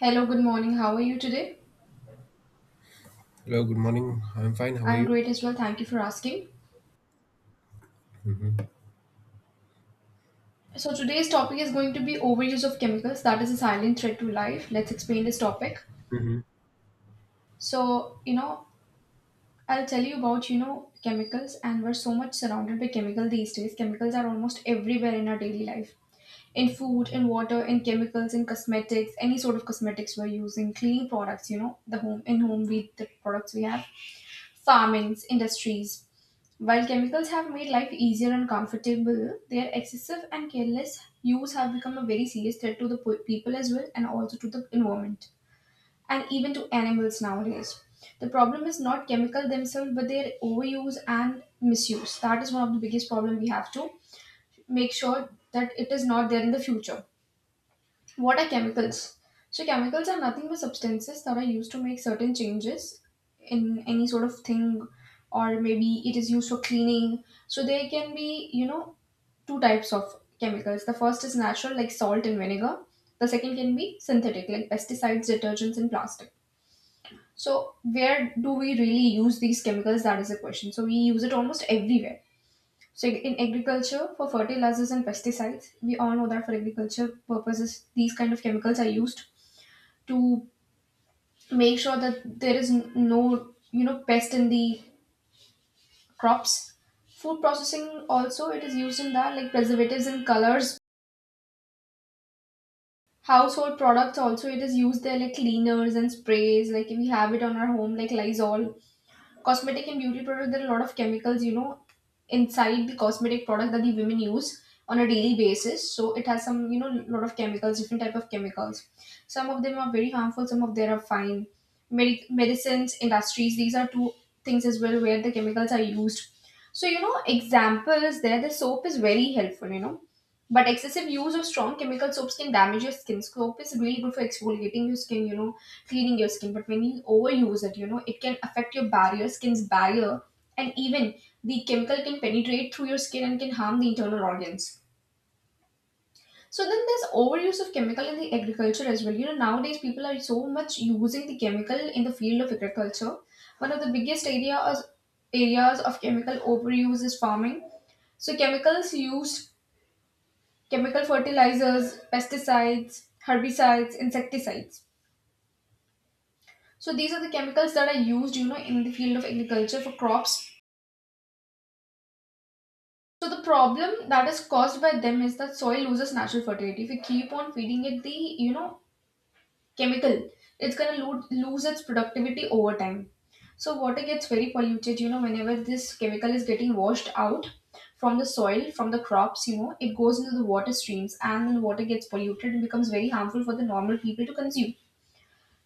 Hello, good morning. How are you today? Hello, good morning. I'm fine. How are I'm you? great as well. Thank you for asking. So, today's topic is going to be overuse of chemicals that is a silent threat to life. Let's explain this topic. hmm So, you know, I'll tell you about, chemicals and we're so much surrounded by chemical these days. Chemicals are almost everywhere in our daily life. In food, in water, in chemicals, in cosmetics, any sort of cosmetics we're using, cleaning products, you know, the home in home we the products we have, farmings, industries. While chemicals have made life easier and comfortable, their excessive and careless use have become a very serious threat to the people as well and also to the environment and even to animals nowadays. The problem is not chemical themselves but their overuse and misuse. That is one of the biggest problem we have to make sure that it is not there in the future. What are chemicals? So, chemicals are nothing but substances that are used to make certain changes in any sort of thing, or maybe it is used for cleaning. So, there can be, you know, two types of chemicals. The first is natural, like salt and vinegar. The second can be synthetic, like pesticides, detergents, and plastic. So, where do we really use these chemicals? That is the question. So, we use it almost everywhere. So, in agriculture, for fertilizers and pesticides, we all know that for agriculture purposes, these kind of chemicals are used to make sure that there is no, you know, pest in the crops. Food processing also, it is used in that, like preservatives and colors. Household products also, it is used there, like cleaners and sprays, like we have it on our home, like Lysol. Cosmetic and beauty product, there are a lot of chemicals, you know, inside the cosmetic product that the women use on a daily basis. So it has some, you know, lot of chemicals, different type of chemicals. Some of them are very harmful, some of them are fine. Medicines industries, these are two things as well where the chemicals are used. So, you know, examples there, the soap is very helpful, you know, but excessive use of strong chemical soaps can damage your skin. Soap is really good for exfoliating your skin, you know, cleaning your skin. But when you overuse it, you know, it can affect your barrier, skin's barrier, and even the chemical can penetrate through your skin and can harm the internal organs. So then there's overuse of chemical in the agriculture as well. You know, nowadays people are so much using the chemical in the field of agriculture. One of the biggest areas of chemical overuse is farming. So chemicals used: chemical fertilizers, pesticides, herbicides, insecticides. So these are the chemicals that are used, you know, in the field of agriculture for crops. So the problem that is caused by them is that soil loses natural fertility. If you keep on feeding it the, you know, chemical, it's gonna lose its productivity over time. So water gets very polluted, you know, whenever this chemical is getting washed out from the soil, from the crops, you know, it goes into the water streams and then water gets polluted and becomes very harmful for the normal people to consume.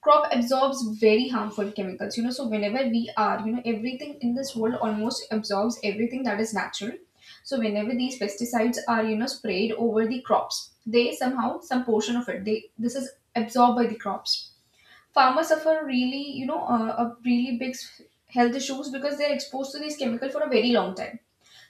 Crop absorbs very harmful chemicals, you know. So whenever we are, you know, everything in this world almost absorbs everything that is natural. So whenever these pesticides are, you know, sprayed over the crops, they somehow, some portion of it, they this is absorbed by the crops. Farmers suffer really, you know, a really big health issues because they're exposed to these chemical for a very long time.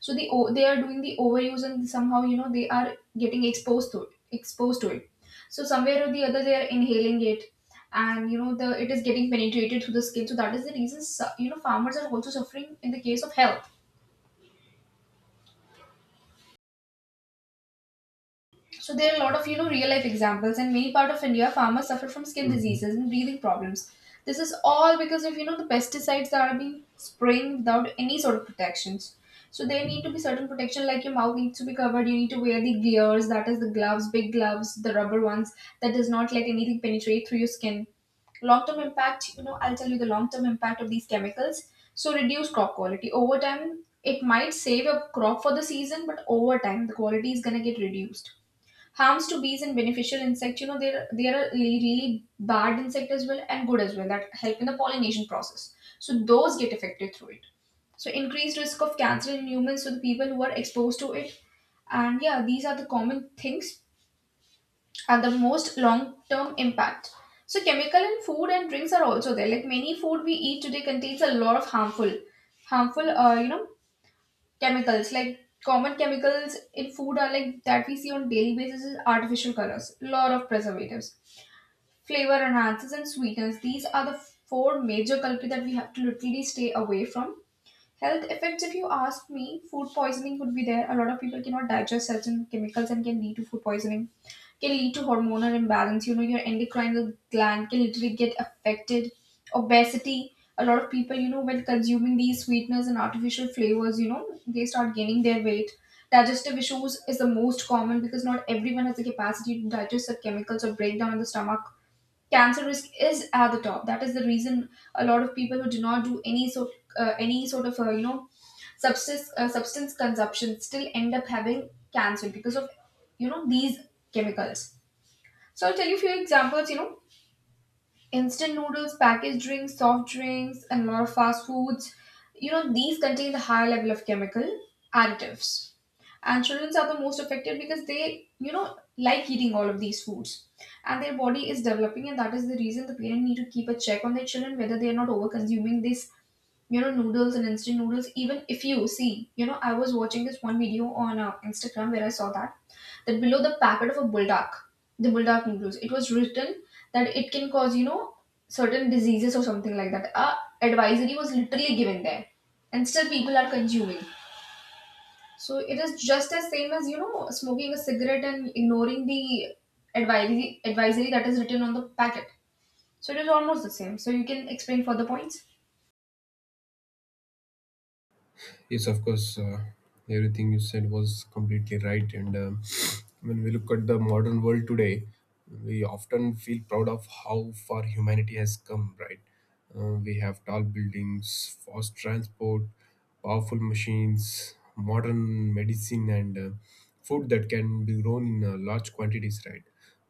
So they are doing the overuse and somehow, you know, they are getting exposed to it, so somewhere or the other they are inhaling it, and, you know, the it is getting penetrated through the skin. So that is the reason, you know, farmers are also suffering in the case of health. So there are a lot of, you know, real life examples. In many part of India, farmers suffer from skin hmm diseases and breathing problems. This is all because of, you know, the pesticides that are being spraying without any sort of protections. So there need to be certain protection, like your mouth needs to be covered. You need to wear the gears, that is the gloves, big gloves, the rubber ones that does not let anything penetrate through your skin. Long term impact, you know, I'll tell you the long term impact of these chemicals. So reduce crop quality over time. It might save a crop for the season, but over time the quality is gonna get reduced. Harms to bees and beneficial insects, you know, there are really, really bad insect as well and good as well that help in the pollination process, so those get affected through it. So increased risk of cancer in humans, so the people who are exposed to it, and yeah, these are the common things and the most long term impact. So chemical in food and drinks are also there, like many food we eat today contains a lot of harmful harmful chemicals. Like common chemicals in food are, like that we see on daily basis, is artificial colors, lot of preservatives, flavor enhancers and sweeteners. These are the four major culprits that we have to literally stay away from. Health effects, if you ask me, food poisoning would be there. A lot of people cannot digest certain chemicals and can lead to food poisoning, can lead to hormonal imbalance. You know, your endocrine gland can literally get affected. Obesity. A lot of people, you know, when consuming these sweeteners and artificial flavors, you know, they start gaining their weight. Digestive issues is the most common because not everyone has the capacity to digest the chemicals or break down in the stomach. Cancer risk is at the top. That is the reason a lot of people who do not do any sort of you know, substance consumption still end up having cancer because of, you know, these chemicals. So I'll tell you a few examples. You know, instant noodles, packaged drinks, soft drinks and a lot of fast foods, you know, these contain the high level of chemical additives. And children are the most affected because they, you know, like eating all of these foods, and their body is developing. And that is the reason the parent need to keep a check on their children whether they are not over consuming this, you know, noodles and instant noodles. Even if you see, you know, I was watching this one video on Instagram, where I saw that below the packet of a Buldak, the Buldak noodles, it was written that it can cause, you know, certain diseases or something like that. A advisory was literally given there, and still people are consuming. So it is just as same as, you know, smoking a cigarette and ignoring the advisory, that is written on the packet. So it is almost the same. So you can explain further points. Yes, of course. Everything you said was completely right. And When we look at the modern world today, we often feel proud of how far humanity has come, right? We have tall buildings, fast transport, powerful machines, modern medicine, and food that can be grown in large quantities, right?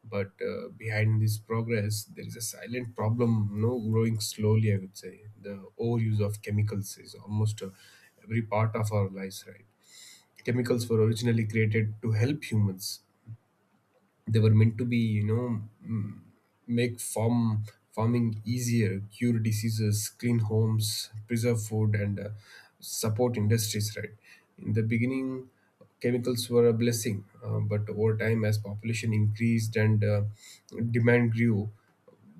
But behind this progress, there is a silent problem, no growing slowly, I would say. The overuse of chemicals is almost every part of our lives, right? Chemicals were originally created to help humans, they were meant to be you know make farming easier, cure diseases, clean homes, preserve food, and support industries, right? In the beginning, chemicals were a blessing, but over time, as population increased and demand grew,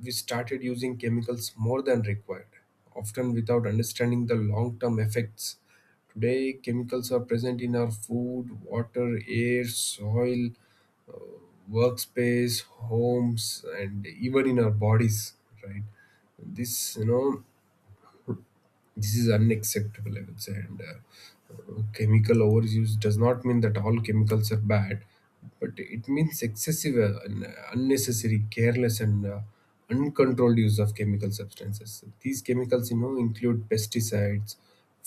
we started using chemicals more than required, often without understanding the long term effects. Today, chemicals are present in our food, water, air, soil, workspace, homes, and even in our bodies, right? This this is unacceptable, I would say. And chemical overuse does not mean that all chemicals are bad, but it means excessive and unnecessary, careless, and uncontrolled use of chemical substances. These chemicals, you know, include pesticides,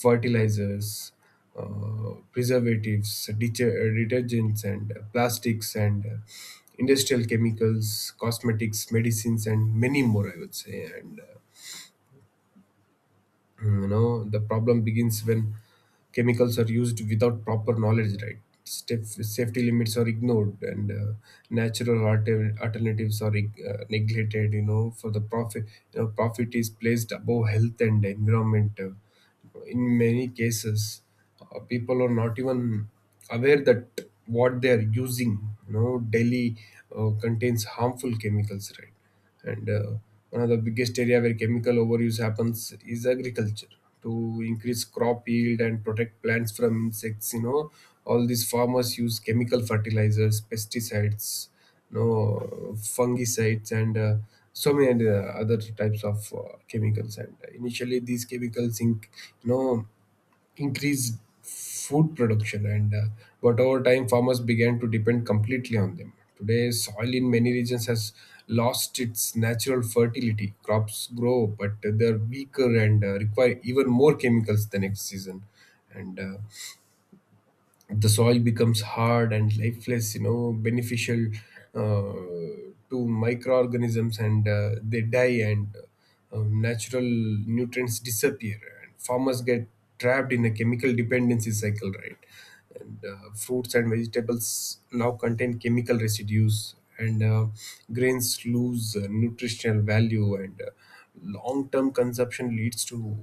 fertilizers, preservatives, detergents, and plastics, and industrial chemicals, cosmetics, medicines, and many more, I would say. And you know, the problem begins when chemicals are used without proper knowledge, right? Step, safety limits are ignored, and natural alternatives are neglected, you know, for the profit. You know, profit is placed above health and environment, in many cases. People are not even aware that what they are using, you know, daily, contains harmful chemicals, right? And one of the biggest area where chemical overuse happens is agriculture. To increase crop yield and protect plants from insects, you know, all these farmers use chemical fertilizers, pesticides, no, fungicides, and so many other types of chemicals. And initially these chemicals you know, increased food production. And but over time farmers began to depend completely on them. Today soil in many regions has lost its natural fertility. Crops grow but they're weaker and require even more chemicals the next season. And the soil becomes hard and lifeless, you know, beneficial to microorganisms, and they die, and natural nutrients disappear, and farmers get trapped in a chemical dependency cycle, right? And fruits and vegetables now contain chemical residues, and grains lose nutritional value, and long-term consumption leads to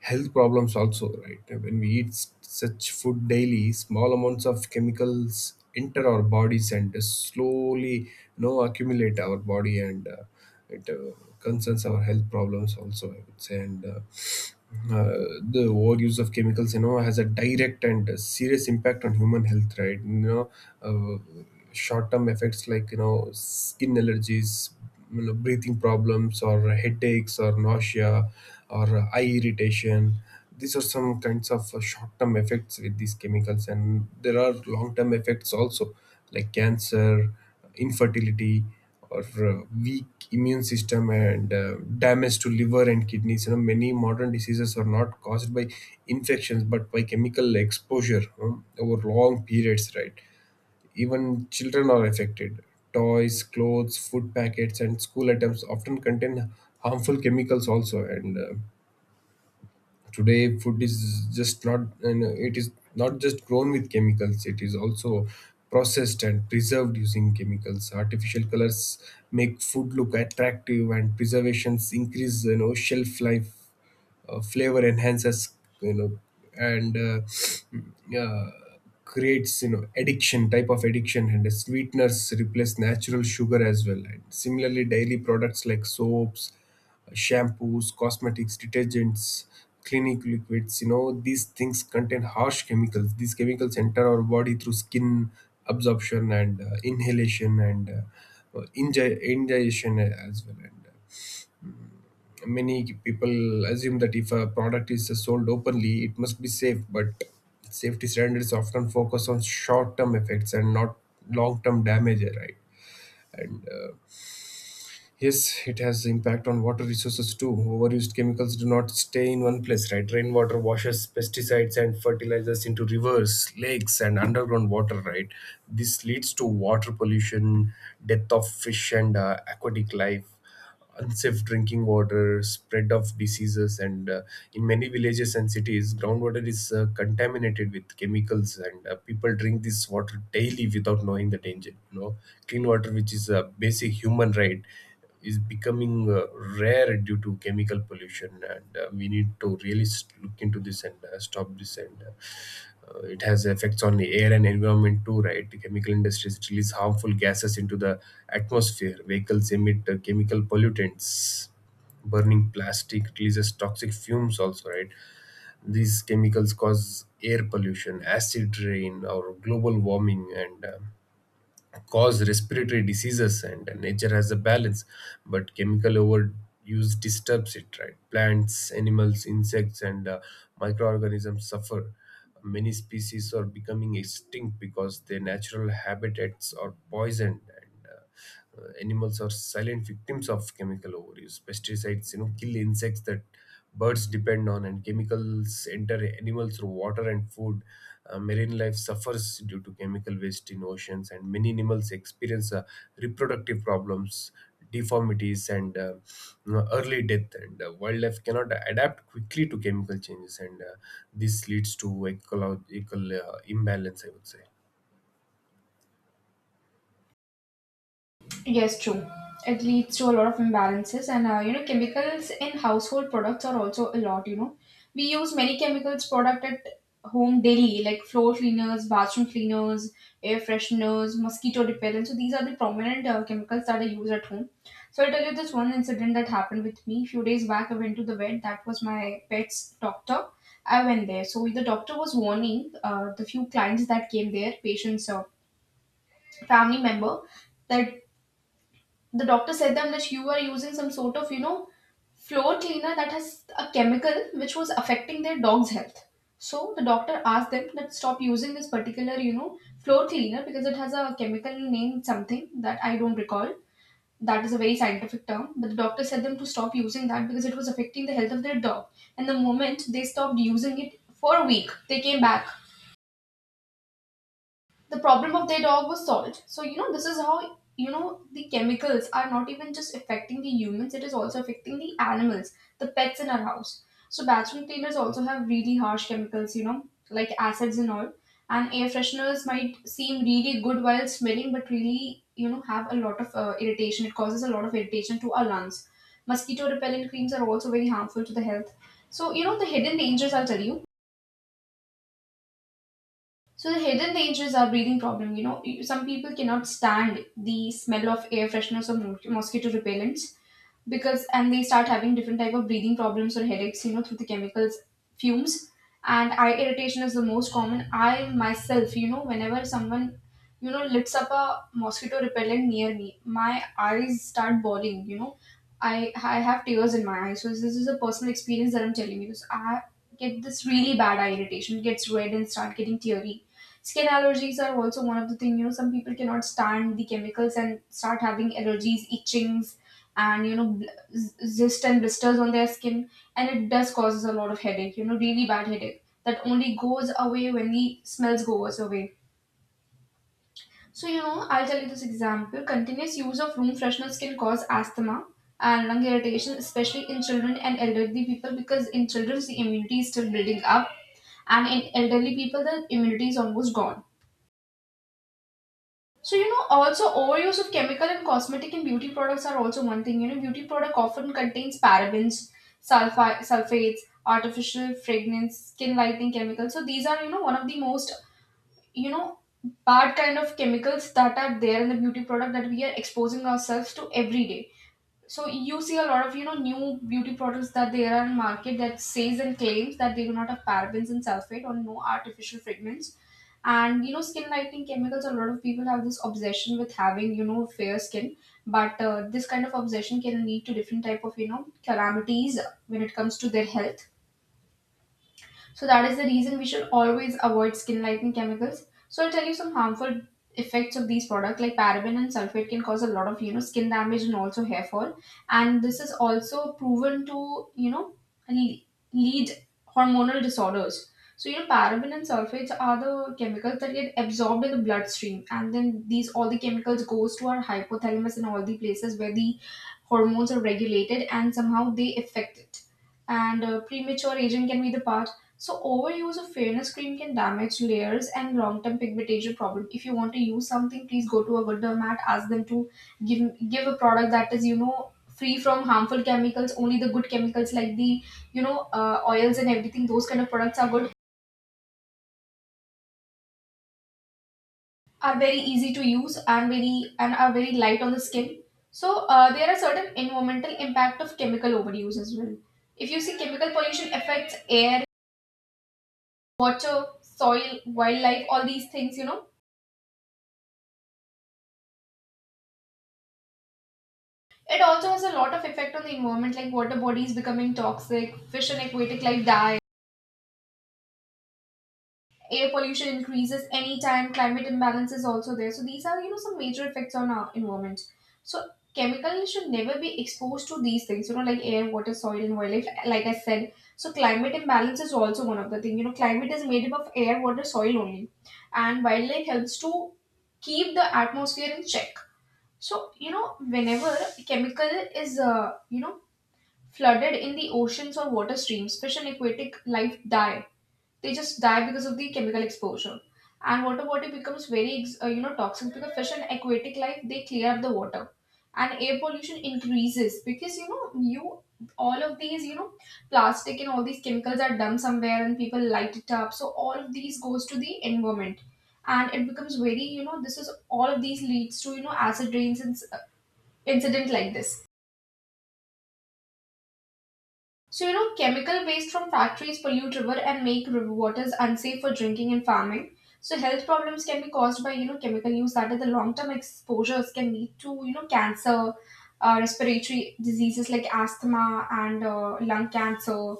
health problems also, right? When we eat such food daily, small amounts of chemicals enter our bodies and slowly, you know, accumulate our body, and it concerns our health problems also, I would say. And uh, the overuse of chemicals, you know, has a direct and serious impact on human health, right? You know, uh, short term effects like, you know, skin allergies, you know, breathing problems, or headaches, or nausea, or eye irritation. These are some kinds of short-term effects with these chemicals. And there are long-term effects also, like cancer, infertility, or weak immune system, and damage to liver and kidneys. You know, many modern diseases are not caused by infections but by chemical exposure, over long periods, right? Even children are affected. Toys, clothes, food packets, and school items often contain harmful chemicals also. And today, food is just not, you know, it is not just grown with chemicals, it is also processed and preserved using chemicals. Artificial colors make food look attractive, and preservations increase, you know, shelf life, flavor enhancers, you know, and creates, you know, addiction, type of addiction, and the sweeteners replace natural sugar as well. And similarly daily products like soaps, shampoos, cosmetics, detergents, clinic liquids, you know, these things contain harsh chemicals. These chemicals enter our body through skin absorption, and inhalation, and ingestion as well. And many people assume that if a product is sold openly, it must be safe, but safety standards often focus on short-term effects and not long-term damage, right? Uh, Yes, it has impact on water resources too. Overused chemicals do not stay in one place, right? Rainwater washes pesticides and fertilizers into rivers, lakes, and underground water, right? This leads to water pollution, death of fish and aquatic life, unsafe drinking water, spread of diseases, and in many villages and cities, groundwater is contaminated with chemicals, and people drink this water daily without knowing the danger. You know, clean water, which is a basic human right, is becoming rare due to chemical pollution, and we need to really look into this and stop this. And. It has effects on the air and environment too, right? The chemical industries release harmful gases into the atmosphere, vehicles emit chemical pollutants, burning plastic releases toxic fumes also, right? These chemicals cause air pollution, acid rain, or global warming, and cause respiratory diseases. And nature has a balance, but chemical overuse disturbs it, right? Plants, animals, insects, and microorganisms suffer. Many species are becoming extinct because their natural habitats are poisoned. And Animals are silent victims of chemical overuse. Pesticides, you know, kill insects that birds depend on, and chemicals enter animals through water and food. Marine life suffers due to chemical waste in oceans, and many animals experience reproductive problems, deformities, and you know, early death. And wildlife cannot adapt quickly to chemical changes, and this leads to ecological imbalance, I would say. Yes, true. It leads to a lot of imbalances, and you know, chemicals in household products are also a lot. You know, we use many chemicals product at home daily, like floor cleaners, bathroom cleaners, air fresheners, mosquito repellent. So these are the prominent chemicals that I use at home. So I'll tell you this one incident that happened with me few days back. I went to the vet. That was my pet's doctor. I went there. So the doctor was warning the few clients that came there, patients, family member, that the doctor said them that you are using some sort of floor cleaner that has a chemical which was affecting their dog's health. So the doctor asked them that stop using this particular floor cleaner because it has a chemical name something that I don't recall. That is a very scientific term, but the doctor said them to stop using that because it was affecting the health of their dog. And the moment they stopped using it for a week, they came back, the problem of their dog was solved. So you know, this is how, you know the chemicals are not even just affecting the humans, it is also affecting the animals, the pets in our house. So bathroom cleaners also have really harsh chemicals, you know, like acids and all. And air fresheners might seem really good while smelling, but really, have a lot of irritation. It causes a lot of irritation to our lungs. Mosquito repellent creams are also very harmful to the health. So you know, the hidden dangers I'll tell you. So the hidden dangers are breathing problem. You know, some people cannot stand the smell of air fresheners or mosquito repellents because, and they start having different type of breathing problems or headaches. You know, through the chemicals fumes. And eye irritation is the most common. I myself, you know, whenever someone, lifts up a mosquito repellent near me, my eyes start bawling. You know, I I have tears in my eyes. So this is a personal experience that I'm telling you. So I get this really bad eye irritation, it gets red and start getting teary. Skin allergies are also one of the thing. You know, some people cannot stand the chemicals and start having allergies, itchings, and you know, zest and blisters on their skin, and it does causes a lot of headache. You know, really bad headache that only goes away when the smells goes away. So you know, I'll tell you this example. Continuous use of room freshener can cause asthma and lung irritation, especially in children and elderly people, because in children the immunity is still building up, and in elderly people the immunity is almost gone. So, you know, also overuse of chemical and cosmetic and beauty products are also one thing. You know, beauty product often contains parabens, sulfates, artificial fragrance, skin lightening chemicals. So these are, you know, one of the most, you know, bad kind of chemicals that are there in the beauty product that we are exposing ourselves to every day. So you see a lot of new beauty products that there are in market that says and claims that they do not have parabens and sulfate or no artificial fragrance. And you know, skin lightening chemicals, a lot of people have this obsession with having fair skin. But this kind of obsession can lead to different type of calamities when it comes to their health. So that is the reason we should always avoid skin lightening chemicals. So I'll tell you some harmful effects of these products like paraben and sulfate can cause a lot of skin damage and also hair fall. And this is also proven to le- lead hormonal disorders. So you know, paraben and sulfates are the chemicals that get absorbed in the bloodstream, and then these all the chemicals goes to our hypothalamus and all the places where the hormones are regulated, and somehow they affect it. And premature aging can be the path. So overuse of fairness cream can damage layers and long-term pigmentation problem. If you want to use something, please go to a good dermat, ask them to give give a product that is free from harmful chemicals. Only the good chemicals like the oils and everything. Those kind of products are good, are very easy to use and very and are very light on the skin. So there are certain environmental impact of chemical overuse as well. If you see chemical pollution affects air, water, soil, wildlife, all these things, you know. It also has a lot of effect on the environment, like water bodies becoming toxic, fish and aquatic life die, air pollution increases anytime, climate imbalance is also there. So these are, you know, some major effects on our environment. So chemicals should never be exposed to these things, you know, like air, water, soil, and wildlife, like I said. So climate imbalance is also one of the thing. You know, climate is made up of air, water, soil only. And wildlife helps to keep the atmosphere in check. So, you know, whenever chemical is, flooded in the oceans or water streams, fish and aquatic life die. They just die because of the chemical exposure. And water body becomes very, you know, toxic because fish and aquatic life they clear up the water, and air pollution increases because you know you all of these plastic and all these chemicals are dumped somewhere and people light it up. So all of these goes to the environment, and it becomes very you know, this is all of these leads to you know, acid rains and incident like this. So, you know, chemical waste from factories pollute river and make river waters unsafe for drinking and farming. So, health problems can be caused by, you know, chemical use that are the long term exposures can lead to, you know, cancer, respiratory diseases like asthma and lung cancer,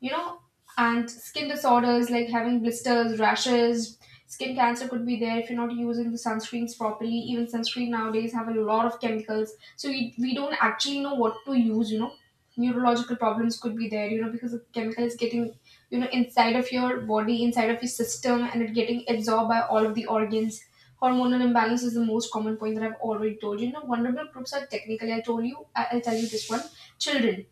you know, and skin disorders like having blisters rashes. Skin cancer could be there if you're not using the sunscreens properly. Even sunscreen nowadays have a lot of chemicals, so we don't actually know what to use, you know. Neurological problems could be there, you know, because the chemical is getting inside of your body, inside of your system, and it getting absorbed by all of the organs. Hormonal imbalance is the most common point that I've already told you. You know, vulnerable groups are technically, I told you, I'll tell you this one. Children,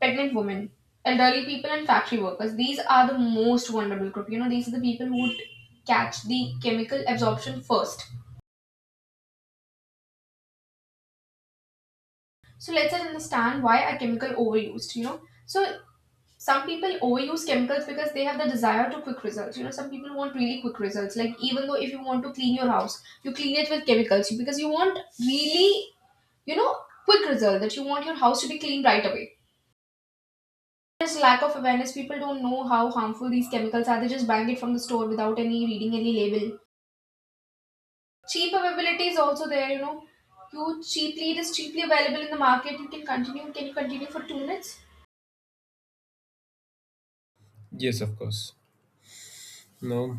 pregnant women, elderly people, and factory workers. These are the most vulnerable group. You know, these are the people who would catch the chemical absorption first. So let's understand why are chemical overused. You know, so some people overuse chemicals because they have the desire to quick results. You know, some people want really quick results. Like even though if you want to clean your house, you clean it with chemicals because you want really, you know, quick result that you want your house to be clean right away. Just lack of awareness. People don't know how harmful these chemicals are. They just buying it from the store without any reading any label. Cheap availability is also there. You know, you cheaply it is cheaply available in the market. You can continue. Can you continue for 2 minutes? Yes, of course. No,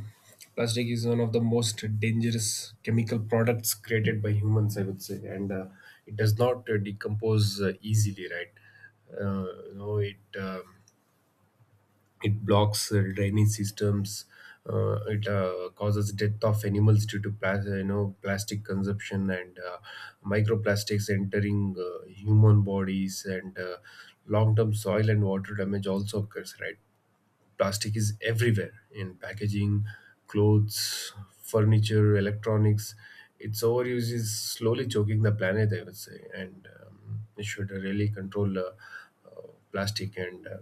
plastic is one of the most dangerous chemical products created by humans, I would say, and it does not decompose easily, right? You know, it it blocks drainage systems. It causes death of animals due to you know, plastic consumption, and microplastics entering human bodies, and long-term soil and water damage also occurs, right? Plastic is everywhere in packaging, clothes, furniture, electronics. Its overuse is slowly choking the planet, I would say. And we should really control uh, plastic, and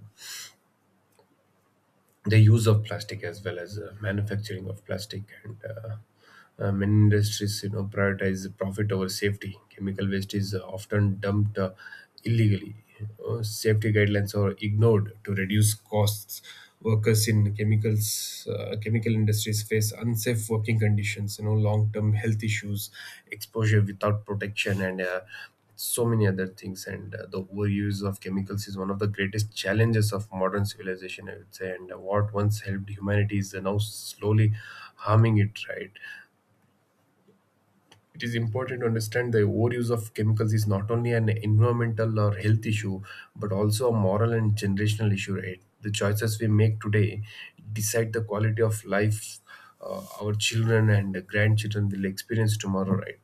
the use of plastic as well as manufacturing of plastic. And Many industries, you know, prioritize profit over safety. Chemical waste is often dumped illegally. Safety guidelines are ignored to reduce costs. Workers in chemicals, chemical industries face unsafe working conditions, you know, long term health issues, exposure without protection, and so many other things. And the overuse of chemicals is one of the greatest challenges of modern civilization, I would say. And what once helped humanity is now slowly harming it, right? It is important to understand the overuse of chemicals is not only an environmental or health issue, but also a moral and generational issue, right? The choices we make today decide the quality of life our children and grandchildren will experience tomorrow, right?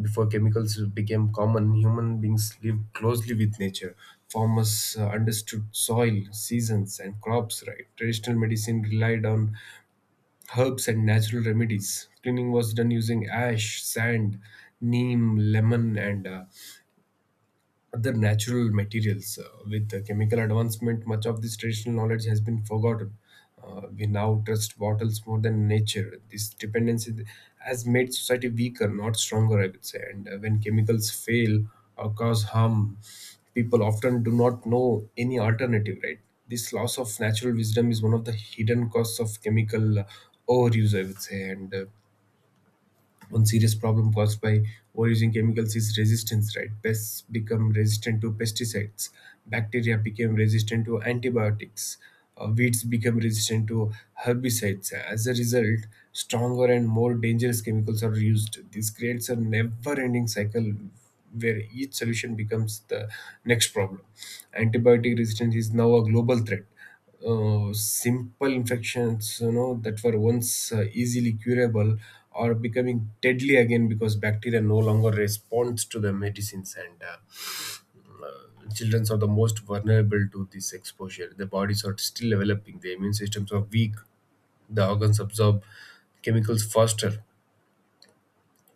Before chemicals became common, human beings lived closely with nature. Farmers understood soil, seasons, and crops, right? Traditional medicine relied on herbs and natural remedies. Cleaning was done using ash, sand, neem, lemon, and other natural materials. With the chemical advancement, much of this traditional knowledge has been forgotten. We now trust bottles more than nature. This dependency has made society weaker, not stronger, I would say. And when chemicals fail or cause harm, people often do not know any alternative, right? This loss of natural wisdom is one of the hidden costs of chemical overuse, I would say. And one serious problem caused by overusing chemicals is resistance, right? Pests become resistant to pesticides, bacteria become resistant to antibiotics, weeds become resistant to herbicides. As a result, stronger and more dangerous chemicals are used. This creates a never ending cycle where each solution becomes the next problem. Antibiotic resistance is now a global threat. Simple infections, you know, that were once easily curable are becoming deadly again because bacteria no longer responds to the medicines. And children are the most vulnerable to this exposure. Their bodies are still developing, their immune systems are weak, the organs absorb chemicals faster.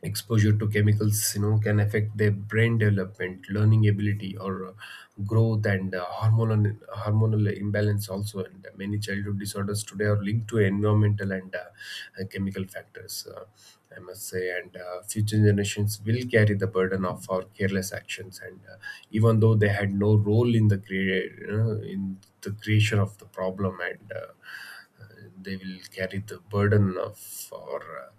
Exposure to chemicals, you know, can affect their brain development, learning ability, or growth, and hormonal imbalance also. And many childhood disorders today are linked to environmental and chemical factors, I must say. And future generations will carry the burden of our careless actions, and even though they had no role in the you know, in the creation of the problem. And They will carry the burden of our uh,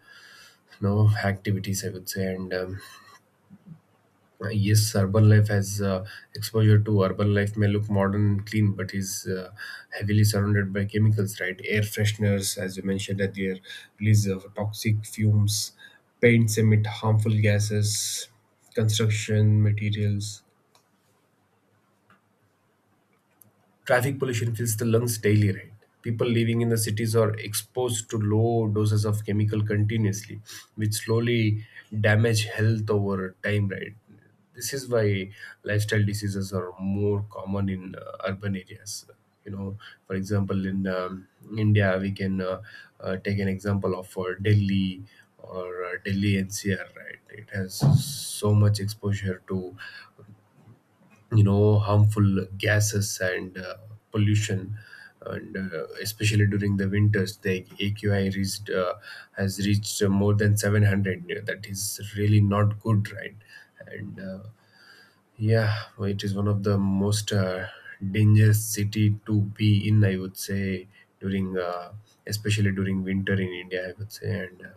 no activities, I would say. And yes, urban life has exposure. To urban life may look modern and clean but is heavily surrounded by chemicals, right? Air fresheners, as you mentioned earlier, release of toxic fumes, paints emit harmful gases, construction materials, traffic pollution fills the lungs daily, right? People living in the cities are exposed to low doses of chemical continuously, which slowly damage health over time, right? This is why lifestyle diseases are more common in urban areas. You know, for example, in India, we can take an example of Delhi, or Delhi NCR, right? It has so much exposure to, you know, harmful gases, and pollution, and especially during the winters the aqi reached has reached more than 700. Yeah, that is really not good, right? And yeah, well, it is one of the most dangerous city to be in, I would say, during especially during winter in india, I would say. And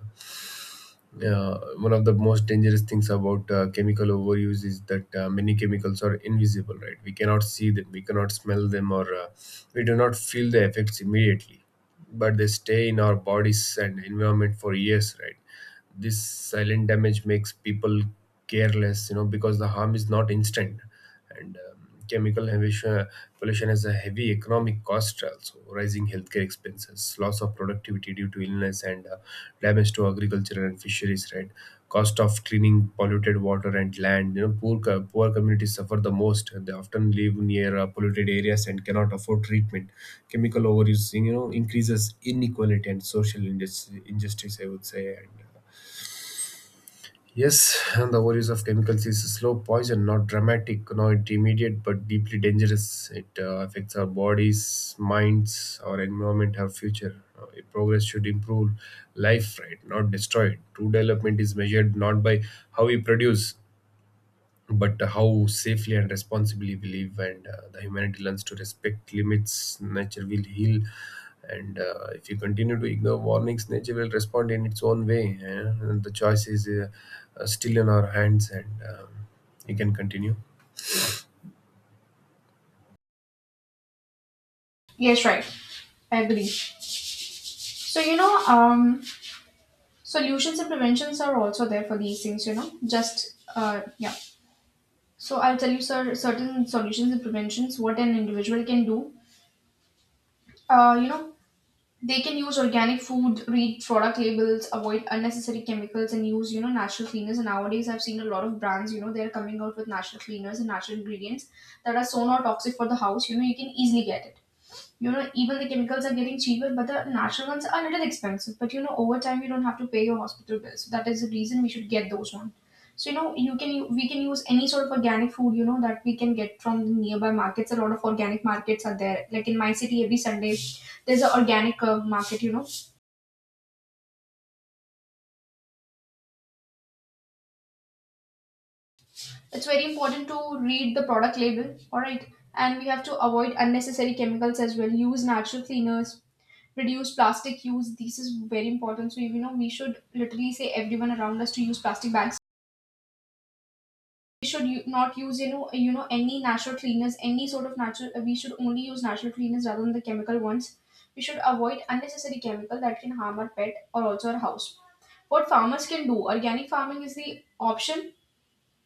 yeah, one of the most dangerous things about chemical overuse is that many chemicals are invisible, right? We cannot see them, we cannot smell them, or we do not feel the effects immediately, but they stay in our bodies and environment for years, right? This silent damage makes people careless, you know, because the harm is not instant. And chemical emission- pollution has a heavy economic cost also: rising healthcare expenses, loss of productivity due to illness, and damage to agriculture and fisheries, right? Cost of cleaning polluted water and land. You know, poor communities suffer the most. They often live near polluted areas and cannot afford treatment. Chemical overuse, you know, increases inequality and social injustice, I would say. And yes, and the worries of chemicals is a slow poison, not dramatic, not immediate, but deeply dangerous. It affects our bodies, minds, our environment, our future. Progress should improve life, right? Not destroy it. True development is measured not by how we produce, but how safely and responsibly we live. And the humanity learns to respect limits, nature will heal. And if you continue to ignore warnings, nature will respond in its own way, eh? And the choice is still in our hands. And you can continue. Yes, right. I agree. So you know, solutions and preventions are also there for these things. You know, just yeah. So I'll tell you, sir, certain solutions and preventions what an individual can do. Uh, you know, They can use organic food, read product labels, avoid unnecessary chemicals, and use you know, natural cleaners. And nowadays, I've seen a lot of brands. You know, they're coming out with natural cleaners and natural ingredients that are so not toxic for the house. You know, you can easily get it. You know, even the chemicals are getting cheaper but the natural ones are a little expensive, but you know, over time you don't have to pay your hospital bills. So that is the reason we should get those one. So you know, you can we can use any sort of organic food, you know, that we can get from the nearby markets. A lot of organic markets are there, like in my city every Sunday there's an organic market, you know. It's very important to read the product label, all right? And we have to avoid unnecessary chemicals as well. Use natural cleaners, reduce plastic use. This is very important. So, you know, we should literally say everyone around us to use plastic bags. We should not use, any natural cleaners, any sort of natural. We should only use natural cleaners rather than the chemical ones. We should avoid unnecessary chemical that can harm our pet or also our house. What farmers can do. Organic farming is the option,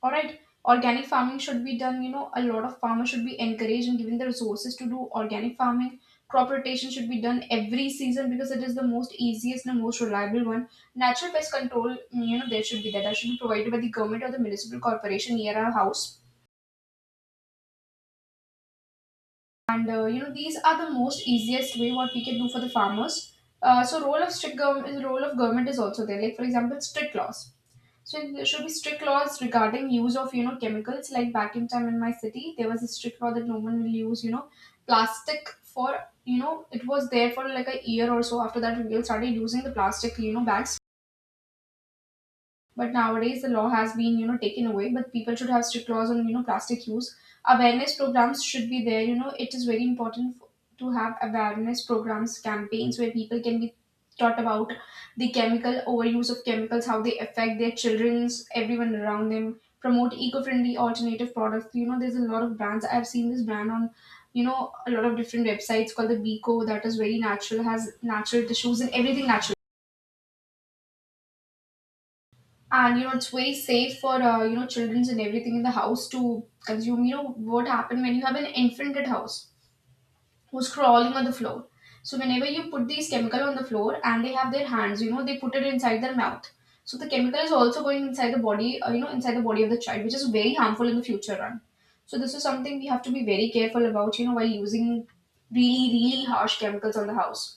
all right? Organic farming should be done. You know, a lot of farmers should be encouraged and given the resources to do organic farming. Crop rotation should be done every season because it is the most easiest and the most reliable one. Natural pest control, mm, you know, there should be that should be provided by the government or the municipal corporation near our house. And you know, these are the most easiest way what we can do for the farmers. So role of strict government, role of government is also there, like for example strict laws. So there should be strict laws regarding use of you know, chemicals. Like back in time in my city, there was a strict law that no one will use you know, plastic for you know, it was there for like a year or so. After that, we all started using the plastic you know, bags, but nowadays the law has been, you know, taken away. But people should have strict laws on, you know, plastic use. Awareness programs should be there. You know, it is very important to have awareness programs, campaigns where people can be taught about the chemical overuse of chemicals, how they affect their childrens, everyone around them. Promote eco-friendly alternative products. You know, there's a lot of brands. I've seen this brand on, you know, a lot of different websites called the Beko, that is very natural, has natural tissues and everything natural. And you know, it's very safe for you know, childrens and everything in the house to consume. You know, what happened when you have an infant at house who's crawling on the floor. So whenever you put these chemical on the floor and they have their hands, you know, they put it inside their mouth. So the chemical is also going inside the body, you know, inside the body of the child, which is very harmful in the future run. So this is something we have to be very careful about, you know, while using really really harsh chemicals on the house.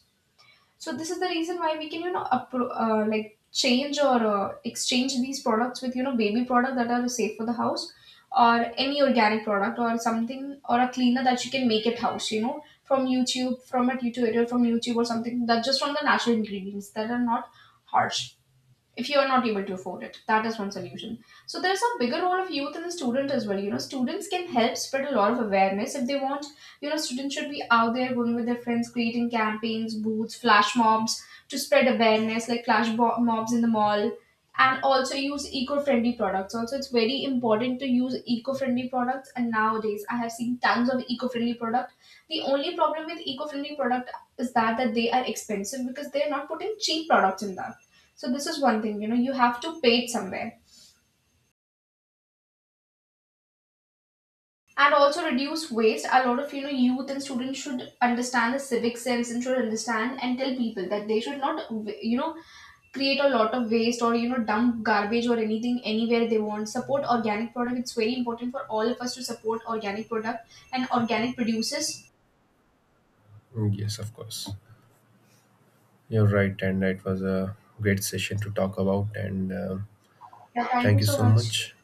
So this is the reason why we can, you know, like change or exchange these products with, you know, baby product that are safe for the house, or any organic product or something, or a cleaner that you can make at house, you know, from YouTube, from a tutorial from YouTube or something, that just from the natural ingredients that are not harsh, if you are not able to afford it. That is one solution. So there's a bigger role of youth and the student as well. You know, students can help spread a lot of awareness if they want. You know, students should be out there going with their friends creating campaigns, booths, flash mobs to spread awareness like mobs in the mall. And also use eco-friendly products. Also it's very important to use eco-friendly products, and nowadays I have seen tons of eco-friendly product. The only problem with eco-friendly product is that they are expensive because they're not putting cheap products in that. So this is one thing, you know, you have to pay it somewhere. And also reduce waste. A lot of you know, youth and students should understand the civic sense and should understand and tell people that they should not, you know, create a lot of waste or you know, dump garbage or anything anywhere they want. Support organic product, it's very important for all of us to support organic product and organic producers. Yes, of course, you're right, and it was a great session to talk about. And Yeah, thank thank you you so so much. much.